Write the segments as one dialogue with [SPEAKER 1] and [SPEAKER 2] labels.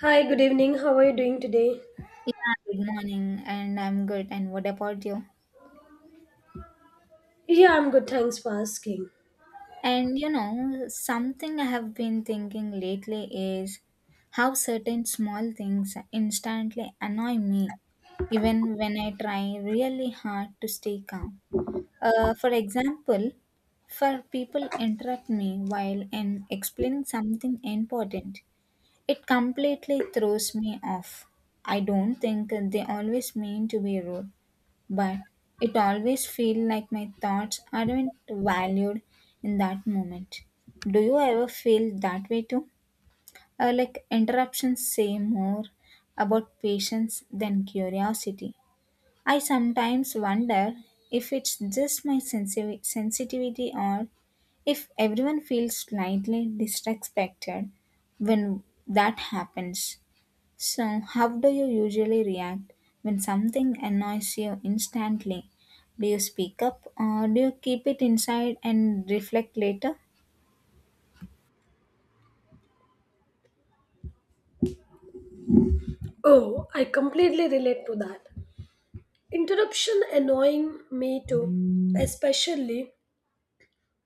[SPEAKER 1] Hi, good evening. How are you doing today?
[SPEAKER 2] Yeah, good morning, and I'm good. And what about you?
[SPEAKER 1] Yeah, I'm good. Thanks for asking.
[SPEAKER 2] And you know, something I have been thinking lately is how certain small things instantly annoy me, even when I try really hard to stay calm. For example, for people interrupt me while I'm explaining something important, it completely throws me off. I don't think they always mean to be rude, but it always feels like my thoughts aren't valued in that moment. Do you ever feel that way too? Like interruptions say more about patience than curiosity. I sometimes wonder if it's just my sensitivity or if everyone feels slightly disrespected when that happens. So, how do you usually react when something annoys you instantly? Do you speak up, or do you keep it inside and reflect later?
[SPEAKER 1] Oh, I completely relate to that. Interruption annoying me too, especially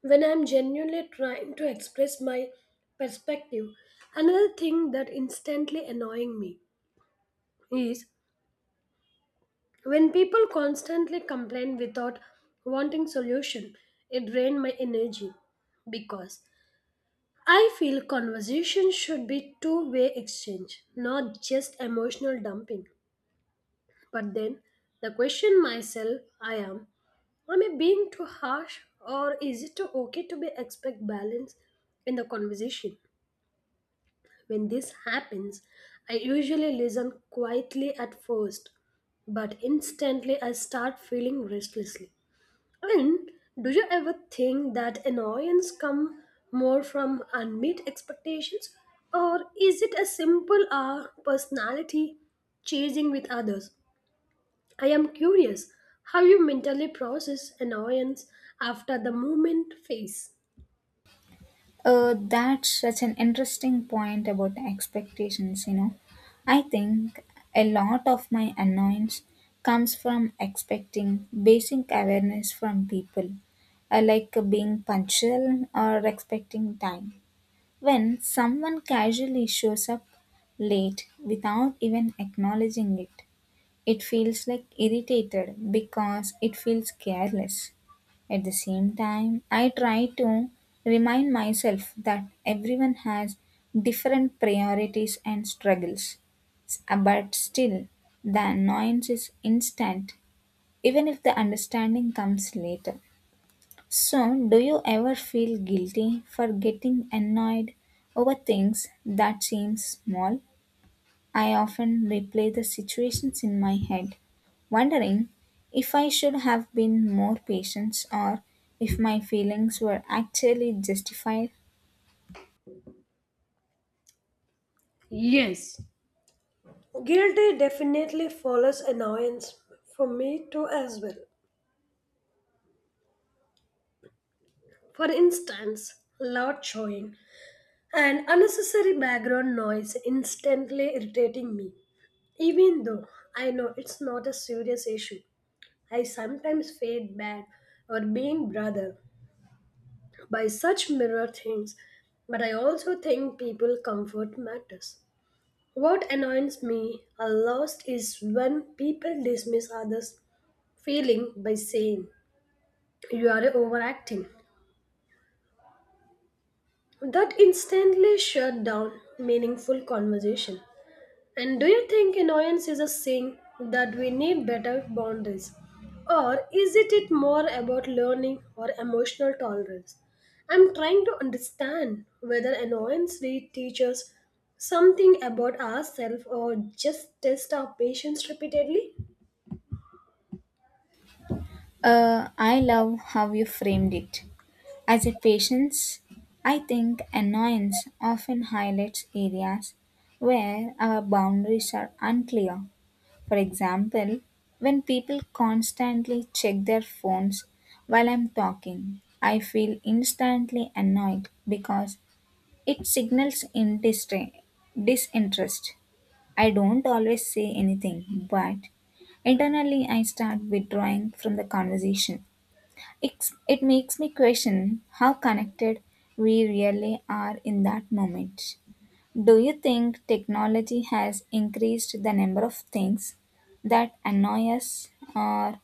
[SPEAKER 1] when I'm genuinely trying to express my perspective. Another thing that instantly annoying me is when people constantly complain without wanting solution. It drains my energy because I feel conversation should be two-way exchange, not just emotional dumping. But then the question myself I am I being too harsh or is it too okay to be expect balance in the conversation? When this happens, I usually listen quietly at first, but instantly I start feeling restlessly. And do you ever think that annoyance come more from unmet expectations or is it a simple personality chasing with others? I am curious how you mentally process annoyance after the moment phase.
[SPEAKER 2] That's such an interesting point about expectations, you know. I think a lot of my annoyance comes from expecting basic awareness from people, like being punctual or expecting time. When someone casually shows up late without even acknowledging it, it feels like irritated because it feels careless. At the same time, I try to remind myself that everyone has different priorities and struggles. But still, the annoyance is instant, even if the understanding comes later. So, do you ever feel guilty for getting annoyed over things that seem small? I often replay the situations in my head, wondering if I should have been more patient or if my feelings were actually justified.
[SPEAKER 1] Guilty definitely follows annoyance for me too as well. For instance, loud chewing and unnecessary background noise instantly irritating me. Even though I know it's not a serious issue, I sometimes feel bad or being brother by such mirror things, but I also think people comfort matters. What annoys me a lot is when people dismiss others' feeling by saying you are overacting. That instantly shut down meaningful conversation. And do you think annoyance is a sign that we need better boundaries? Or is it more about learning or emotional tolerance? I'm trying to understand whether annoyance really teaches something about ourselves or just test our patience repeatedly.
[SPEAKER 2] I love how you framed it. As a patience, I think annoyance often highlights areas where our boundaries are unclear. For example, when people constantly check their phones while I'm talking, I feel instantly annoyed because it signals disinterest. I don't always say anything, but internally I start withdrawing from the conversation. It makes me question how connected we really are in that moment. Do you think technology has increased the number of things that annoy us, or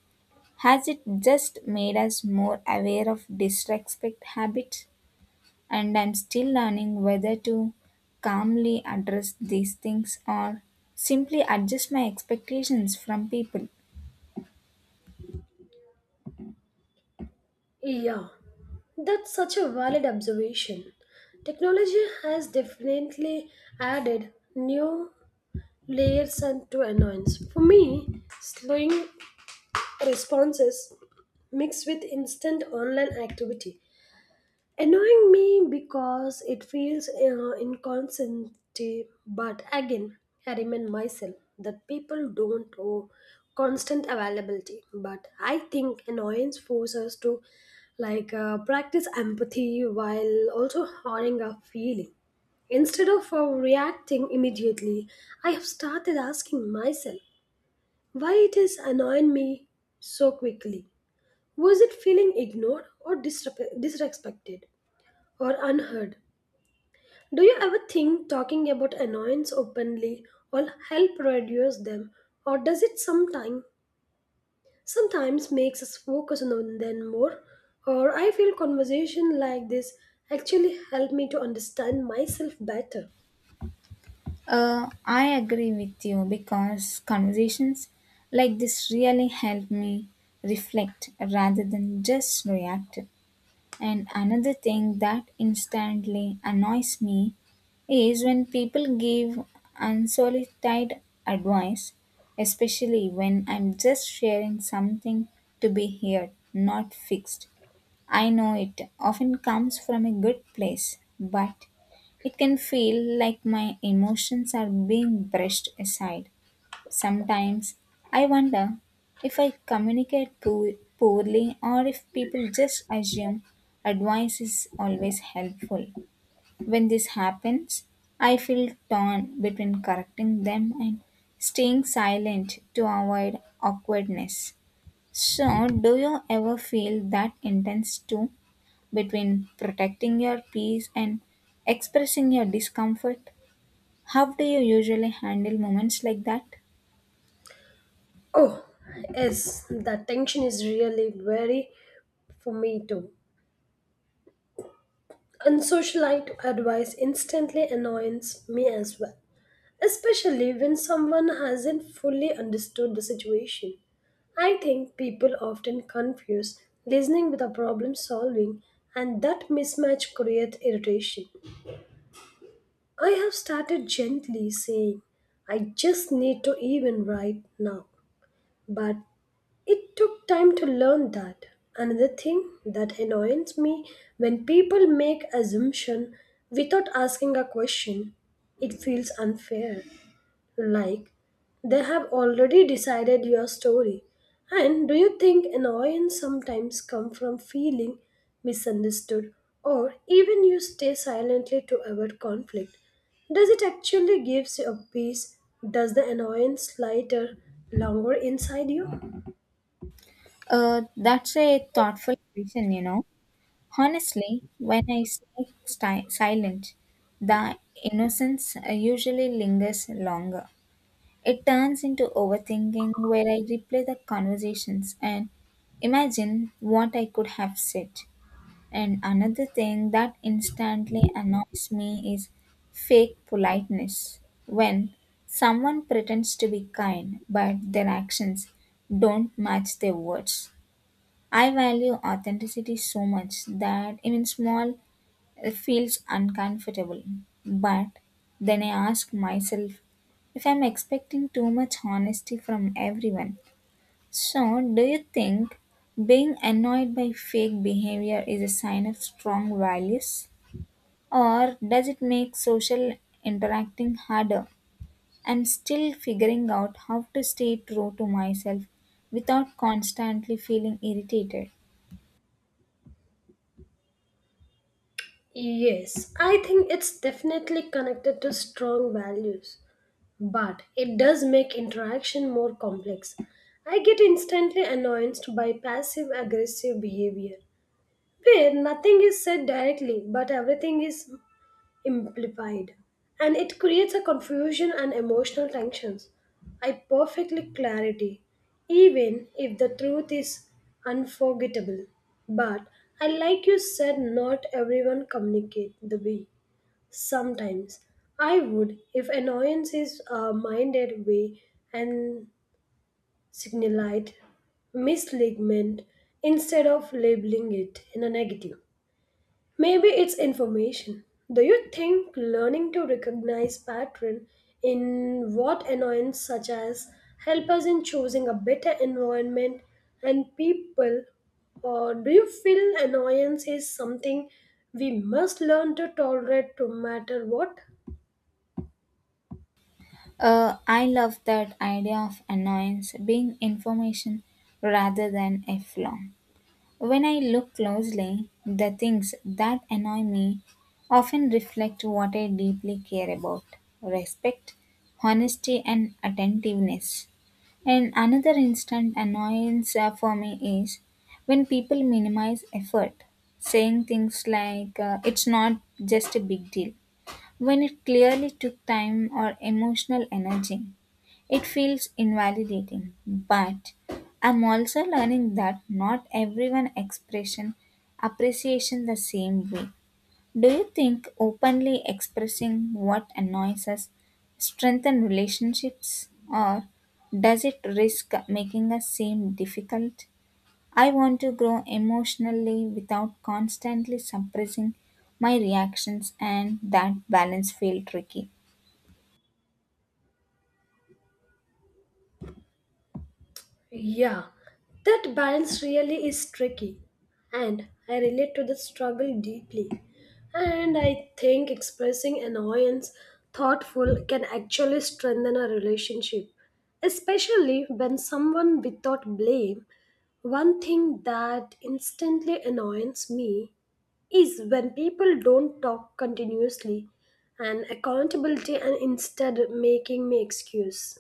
[SPEAKER 2] has it just made us more aware of disrespect habits? And I'm still learning whether to calmly address these things or simply adjust my expectations from people.
[SPEAKER 1] Yeah, that's such a valid observation. Technology has definitely added new layers and to annoyance. For me, slowing responses mixed with instant online activity, annoying me because it feels inconsistent. But again, I remind myself that people don't owe constant availability. But I think annoyance forces us to like practice empathy while also honoring our feeling. Instead of reacting immediately, I have started asking myself why it is annoying me so quickly. Was it feeling ignored or disrespected or unheard? Do you ever think talking about annoyance openly will help reduce them or does it sometimes makes us focus on them more? Or I feel conversation like this actually help me to understand myself better.
[SPEAKER 2] I agree with you because conversations like this really help me reflect rather than just react. And another thing that instantly annoys me is when people give unsolicited advice, especially when I'm just sharing something to be heard, not fixed. I know it often comes from a good place, but it can feel like my emotions are being brushed aside. Sometimes I wonder if I communicate poorly, or if people just assume advice is always helpful. When this happens, I feel torn between correcting them and staying silent to avoid awkwardness. So, do you ever feel that intense too, between protecting your peace and expressing your discomfort? How do you usually handle moments like that?
[SPEAKER 1] Oh, yes, that tension is really very for me too. Unsocialite advice instantly annoys me as well. Especially when someone hasn't fully understood the situation. I think people often confuse listening with a problem solving, and that mismatch creates irritation. I have started gently saying, I just need to even right now. But it took time to learn that. Another thing that annoys me when people make assumption without asking a question, it feels unfair. Like they have already decided your story. And do you think annoyance sometimes come from feeling misunderstood or even you stay silently to avoid conflict? Does it actually gives you a peace? Does the annoyance lighter longer inside you?
[SPEAKER 2] That's a thoughtful question, you know. Honestly, when I stay silent, the innocence usually lingers longer. It turns into overthinking where I replay the conversations and imagine what I could have said. And another thing that instantly annoys me is fake politeness. When someone pretends to be kind, but their actions don't match their words. I value authenticity so much that even small it feels uncomfortable. But then I ask myself if I'm expecting too much honesty from everyone. So, do you think being annoyed by fake behavior is a sign of strong values? Or does it make social interacting harder? I'm still figuring out how to stay true to myself without constantly feeling irritated.
[SPEAKER 1] Yes, I think it's definitely connected to strong values. But it does make interaction more complex. I get instantly annoyed by passive aggressive behavior, where nothing is said directly but everything is implied, and it creates a confusion and emotional tensions. I perfectly clarity, even if the truth is unforgettable. But I like you said, not everyone communicate the way. Sometimes I would, if annoyance is minded way and signalite misligment instead of labeling it in a negative. Maybe it's information. Do you think learning to recognize pattern in what annoyance such as help us in choosing a better environment and people or do you feel annoyance is something we must learn to tolerate no matter what?
[SPEAKER 2] I love that idea of annoyance being information rather than a flaw. When I look closely, the things that annoy me often reflect what I deeply care about: respect, honesty, and attentiveness. And another instant annoyance for me is when people minimize effort, saying things like, it's not just a big deal when it clearly took time or emotional energy. It feels invalidating, but I'm also learning that not everyone expression appreciation the same way. Do you think openly expressing what annoys us strengthen relationships, or does it risk making us seem difficult? I want to grow emotionally without constantly suppressing my reactions, and that balance feels tricky.
[SPEAKER 1] Yeah, that balance really is tricky. And I relate to the struggle deeply. And I think expressing annoyance thoughtful can actually strengthen a relationship, especially when someone without blame. One thing that instantly annoys me is when people don't talk continuously and accountability and instead making me excuse.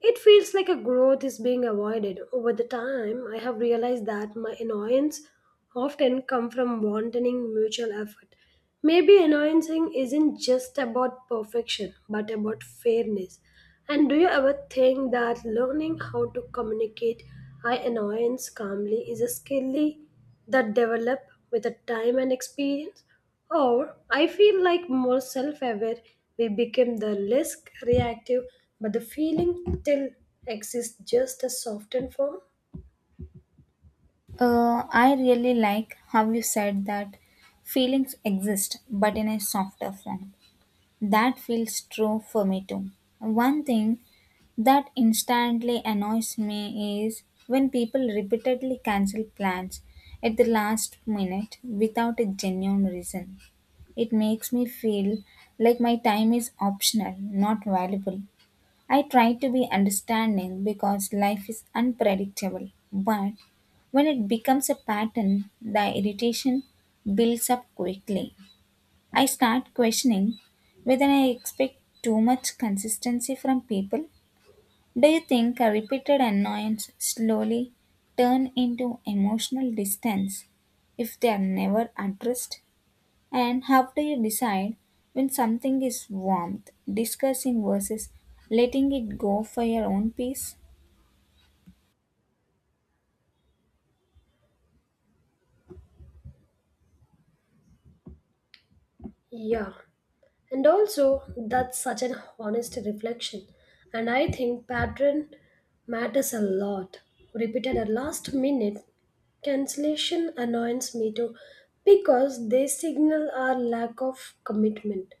[SPEAKER 1] It feels like a growth is being avoided. Over the time, I have realized that my annoyance often come from wanting mutual effort. Maybe annoyancing isn't just about perfection, but about fairness. And do you ever think that learning how to communicate I annoyance calmly is a skill that develop with the time and experience? Or I feel like more self aware we become the less reactive, but the feeling still exists just a softened form.
[SPEAKER 2] I really like how you said that feelings exist but in a softer form. That feels true for me too. One thing that instantly annoys me is when people repeatedly cancel plans at the last minute without a genuine reason. It makes me feel like my time is optional, not valuable. I try to be understanding because life is unpredictable, but when it becomes a pattern, the irritation builds up quickly. I start questioning whether I expect too much consistency from people. Do you think a repeated annoyance slowly turn into emotional distance if they are never addressed? And how do you decide when something is warmth, discussing versus letting it go for your own peace?
[SPEAKER 1] Yeah. And also, that's such an honest reflection. And I think pattern matters a lot. Repeated at last minute cancellation annoys me too because they signal our lack of commitment.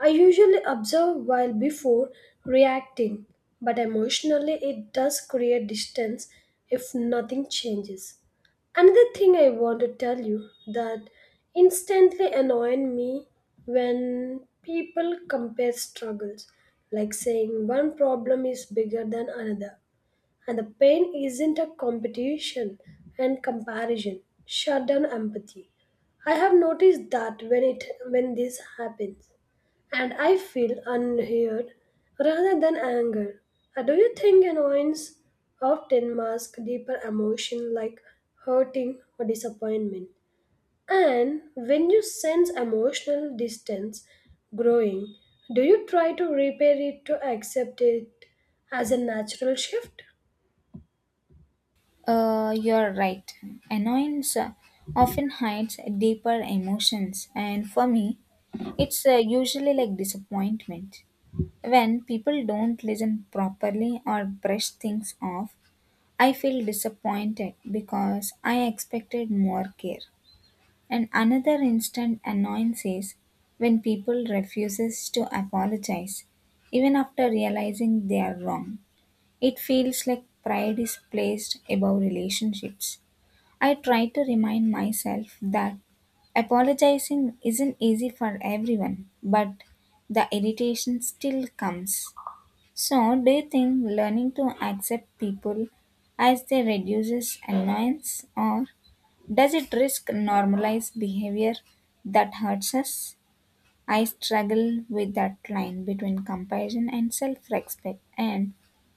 [SPEAKER 1] I usually observe while before reacting, but emotionally it does create distance if nothing changes. Another thing I want to tell you that instantly annoyed me when people compare struggles, like saying one problem is bigger than another. And the pain isn't a competition and comparison. Shut down empathy. I have noticed that when this happens. And I feel unheard rather than anger. Do you think annoyance often masks deeper emotion like hurting or disappointment? And when you sense emotional distance growing, do you try to repair it to accept it as a natural shift?
[SPEAKER 2] You're right. Annoyance often hides deeper emotions, and for me, it's usually like disappointment. When people don't listen properly or brush things off, I feel disappointed because I expected more care. And another instant annoyance is when people refuses to apologize even after realizing they are wrong. It feels like pride is placed above relationships. I try to remind myself that apologizing isn't easy for everyone, but the irritation still comes. So, do you think learning to accept people as they reduces annoyance, or does it risk normalize behavior that hurts us? I struggle with that line between compassion and self-respect, and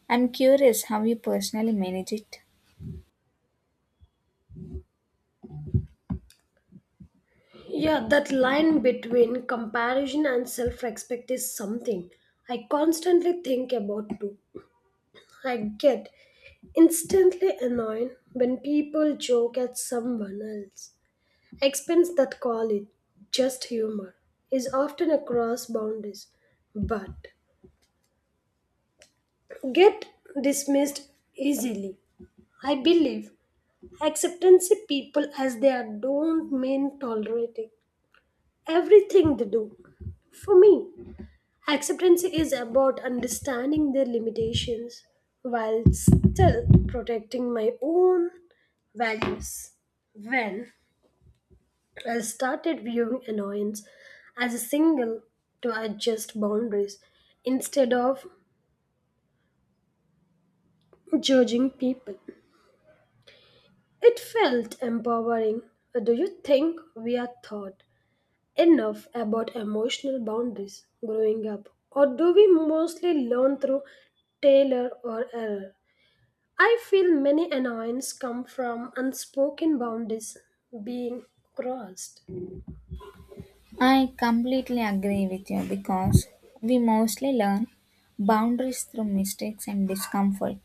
[SPEAKER 2] I'm curious how you personally manage it.
[SPEAKER 1] Yeah, that line between comparison and self respect is something I constantly think about too. I get instantly annoyed when people joke at someone else. Expense that call it just humor is often across boundaries, but get dismissed easily. I believe acceptance of people as they are don't mean tolerating everything they do. For me, acceptance is about understanding their limitations while still protecting my own values. When I started viewing annoyance as a signal to adjust boundaries instead of judging people, it felt empowering. Do you think we are taught enough about emotional boundaries growing up, or do we mostly learn through Taylor or error? I feel many annoyances come from unspoken boundaries being crossed.
[SPEAKER 2] I completely agree with you because we mostly learn boundaries through mistakes and discomfort.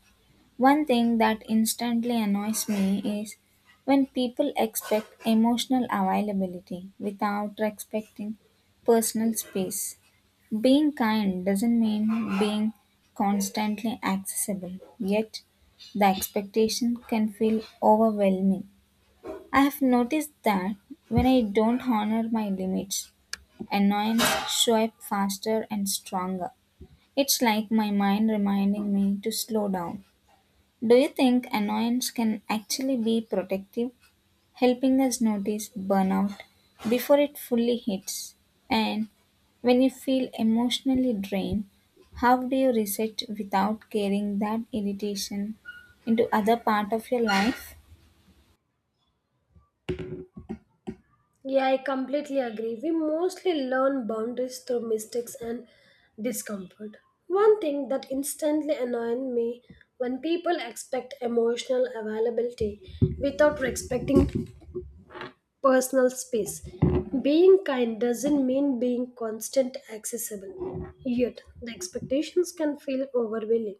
[SPEAKER 2] One thing that instantly annoys me is when people expect emotional availability without respecting personal space. Being kind doesn't mean being constantly accessible, yet the expectation can feel overwhelming. I have noticed that when I don't honor my limits, annoyance show up faster and stronger. It's like my mind reminding me to slow down. Do you think annoyance can actually be protective, helping us notice burnout before it fully hits? And when you feel emotionally drained, how do you reset without carrying that irritation into other part of your life?
[SPEAKER 1] Yeah, I completely agree. We mostly learn boundaries through mistakes and discomfort. One thing that instantly annoys me when people expect emotional availability without respecting personal space. Being kind doesn't mean being constant accessible. Yet, the expectations can feel overwhelming.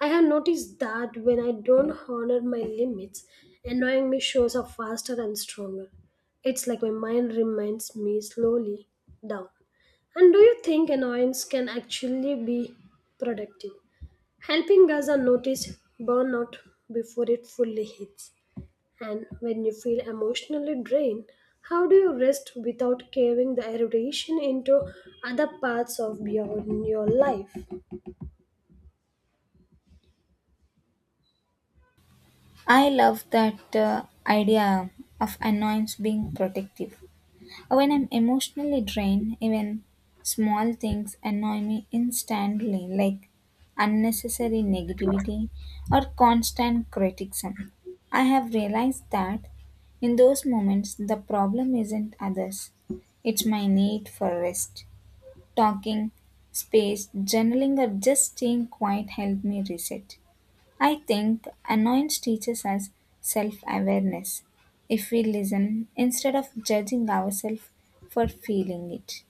[SPEAKER 1] I have noticed that when I don't honor my limits, annoying me shows up faster and stronger. It's like my mind reminds me slowly down. And do you think annoyance can actually be productive, helping us notice burnout before it fully hits? And when you feel emotionally drained, how do you rest without carrying the irritation into other parts of your life?
[SPEAKER 2] I love that idea of annoyance being protective. When I'm emotionally drained, even small things annoy me instantly, like unnecessary negativity or constant criticism. I have realized that in those moments, the problem isn't others, it's my need for rest. Talking, space, journaling, or just staying quiet help me reset. I think annoyance teaches us self awareness if we listen instead of judging ourselves for feeling it.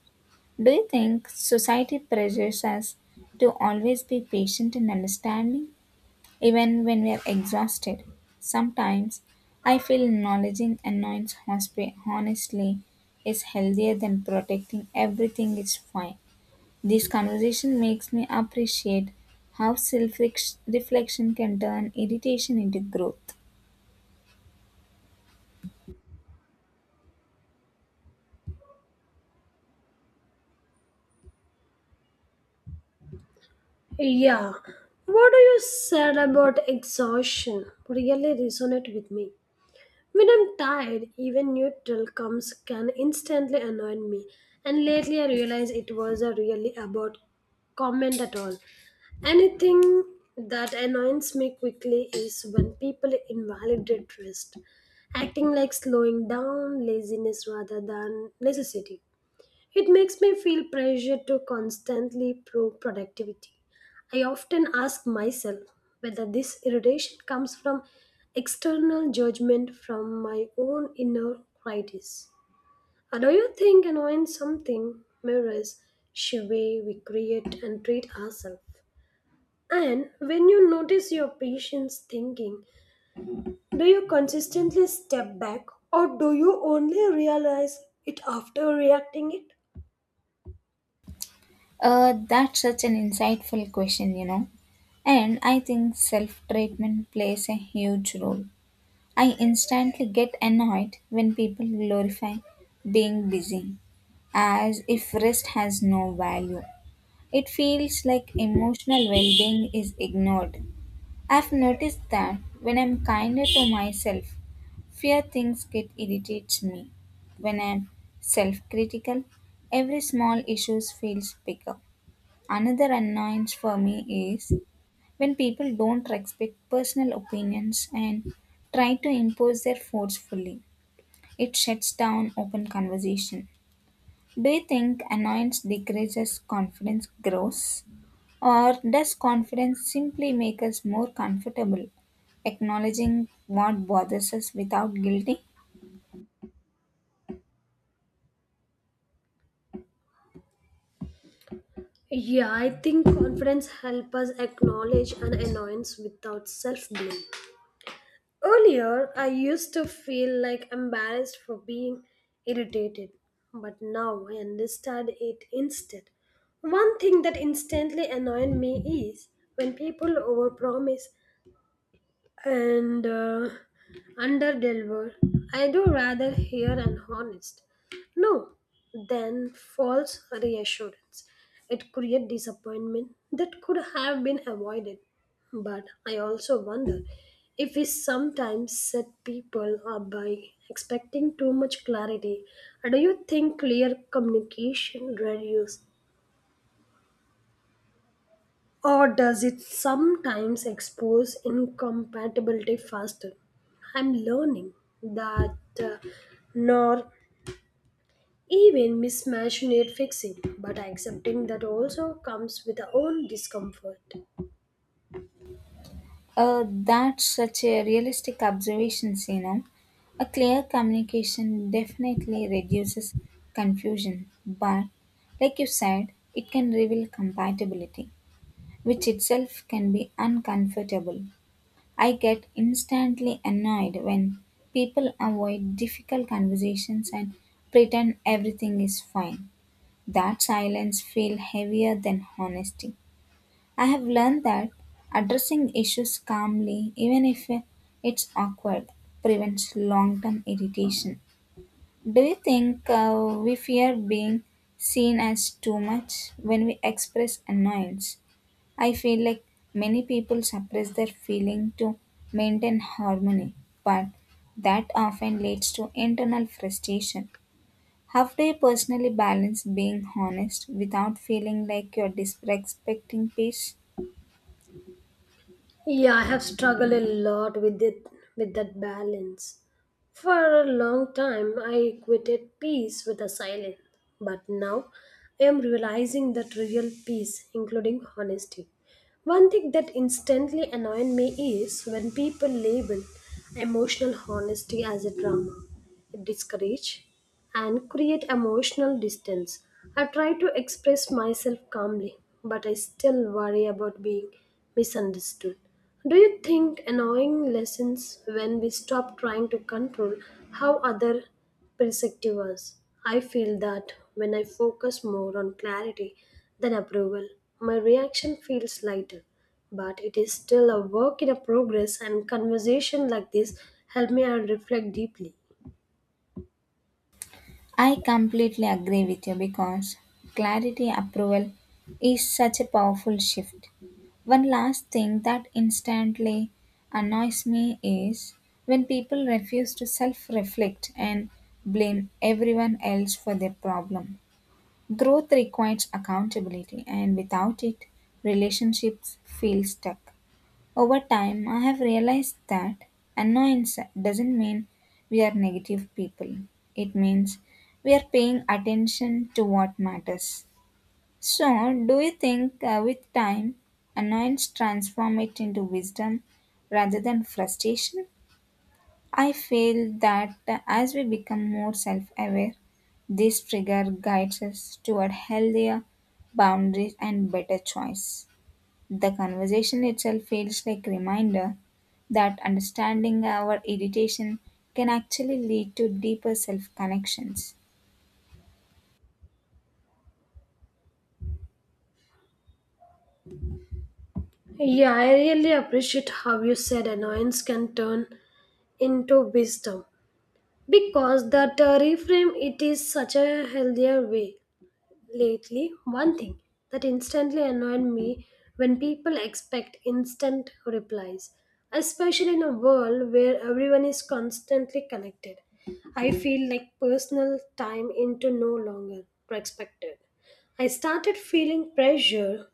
[SPEAKER 2] Do you think society pressures us to always be patient and understanding? Even when we are exhausted, sometimes I feel acknowledging annoyance honestly is healthier than protecting everything is fine. This conversation makes me appreciate how self reflection can turn irritation into growth.
[SPEAKER 1] Yeah. What you said about exhaustion really resonate with me. When I'm tired, even neutral comes can instantly annoy me. And lately I realized it was a really about comment at all. Anything that annoys me quickly is when people invalidate rest, acting like slowing down laziness rather than necessity. It makes me feel pressure to constantly prove productivity. I often ask myself whether this irritation comes from external judgment from my own inner critics. Or do you think annoying something mirrors the way we create and treat ourselves? And when you notice your patient's thinking, do you consistently step back or do you only realize it after reacting it?
[SPEAKER 2] That's such an insightful question, you know. And I think self treatment plays a huge role. I instantly get annoyed when people glorify being busy as if rest has no value. It feels like emotional well being is ignored. I've noticed that when I'm kinder to myself, fewer things get irritates me. When I'm self critical, every small issue feels bigger. Another annoyance for me is when people don't respect personal opinions and try to impose their forcefully, it shuts down open conversation. Do you think annoyance decreases confidence grows? Or does confidence simply make us more comfortable acknowledging what bothers us without guilty?
[SPEAKER 1] Yeah, I think confidence helps us acknowledge an annoyance without self blame. Earlier, I used to feel like embarrassed for being irritated, but now I understand it instead. One thing that instantly annoyed me is when people overpromise and under deliver. I do rather hear an honest no than false reassurance. It creates disappointment that could have been avoided. But I also wonder if we sometimes set people up by expecting too much clarity. Do you think clear communication reduces or does it sometimes expose incompatibility faster? I'm learning that nor even mismatch need fixing, but accepting that also comes with our own discomfort.
[SPEAKER 2] That's such a realistic observation, you know. A clear communication definitely reduces confusion, but like you said, it can reveal compatibility, which itself can be uncomfortable. I get instantly annoyed when people avoid difficult conversations and pretend everything is fine. That silence feels heavier than honesty. I have learned that addressing issues calmly, even if it's awkward, prevents long term irritation. Do you think we fear being seen as too much when we express annoyance? I feel like many people suppress their feeling to maintain harmony, but that often leads to internal frustration. How do you personally balance being honest without feeling like you're disrespecting peace?
[SPEAKER 1] Yeah, I have struggled a lot with it with that balance. For a long time I equated peace with a silence, but now I am realizing that real peace including honesty. One thing that instantly annoyed me is when people label emotional honesty as a drama. It discourages and create emotional distance. I try to express myself calmly, but I still worry about being misunderstood. Do you think annoying lessons when we stop trying to control how other perspective us? I feel that when I focus more on clarity than approval, my reaction feels lighter. But it is still a work in a progress and conversation like this help me and reflect deeply.
[SPEAKER 2] I completely agree with you because clarity approval is such a powerful shift. One last thing that instantly annoys me is when people refuse to self reflect and blame everyone else for their problem. Growth requires accountability, and without it, relationships feel stuck. Over time, I have realized that annoyance doesn't mean we are negative people. It means we are paying attention to what matters. So, do you think with time, annoyance transform it into wisdom rather than frustration? I feel that as we become more self-aware, this trigger guides us toward healthier boundaries and better choice. The conversation itself feels like a reminder that understanding our irritation can actually lead to deeper self connections.
[SPEAKER 1] Yeah, I really appreciate how you said annoyance can turn into wisdom because that reframe it is such a healthier way. Lately, one thing that instantly annoyed me when people expect instant replies, especially in a world where everyone is constantly connected. I feel like personal time into no longer expected. I started feeling pressure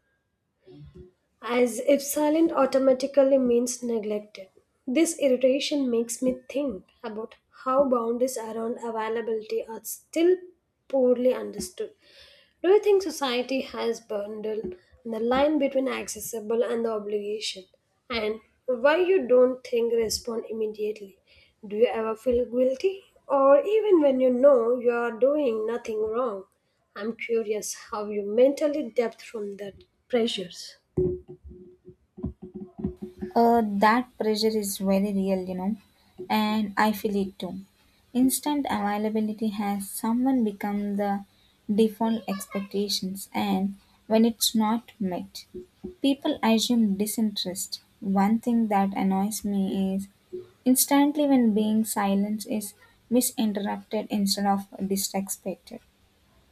[SPEAKER 1] as if silent automatically means neglected. This irritation makes me think about how boundaries around availability are still poorly understood. Do you think society has bundled the line between accessible and the obligation? And why you don't think respond immediately? Do you ever feel guilty? Or even when you know you are doing nothing wrong? I'm curious how you mentally depth from that pressures.
[SPEAKER 2] That pressure is very real, you know, and I feel it too. Instant availability has someone become the default expectations, and when it's not met, people assume disinterest. One thing that annoys me is instantly when being silenced is misinterrupted instead of disrespected.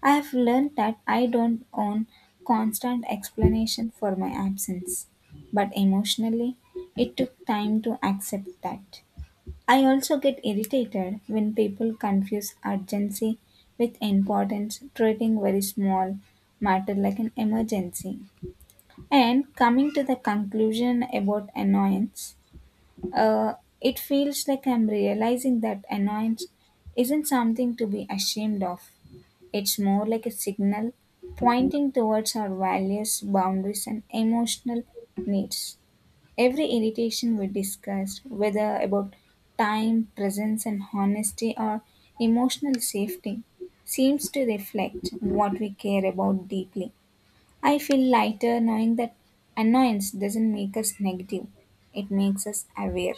[SPEAKER 2] I've learned that I don't own constant explanation for my absence, but emotionally, it took time to accept that. I also get irritated when people confuse urgency with importance, treating very small matter like an emergency. And coming to the conclusion about annoyance, uh, it feels like I'm realizing that annoyance isn't something to be ashamed of. It's more like a signal pointing towards our values, boundaries, and emotional needs. Every irritation we discussed, whether about time, presence, and honesty, or emotional safety, seems to reflect what we care about deeply. I feel lighter knowing that annoyance doesn't make us negative, it makes us aware.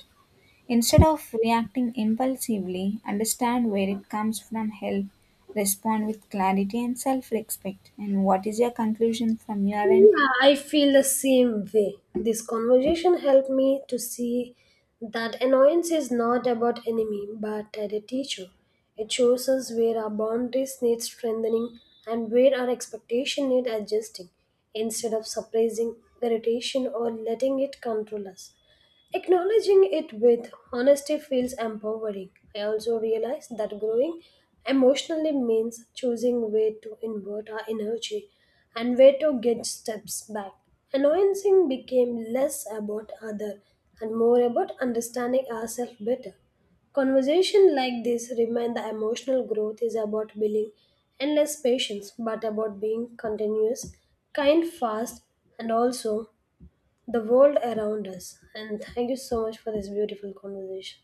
[SPEAKER 2] Instead of reacting impulsively, understand where it comes from, help, respond with clarity and self respect. And what is your conclusion from your end?
[SPEAKER 1] Yeah, I feel the same way. This conversation helped me to see that annoyance is not about enemy but at a teacher. It shows us where our boundaries need strengthening and where our expectation need adjusting instead of suppressing irritation or letting it control us. Acknowledging it with honesty feels empowering. I also realize that growing emotionally means choosing where to invert our energy and where to get steps back. Annoyancing became less about other and more about understanding ourselves better. Conversation like this remind the emotional growth is about building endless patience, but about being continuous, kind, fast, and also the world around us. And thank you so much for this beautiful conversation.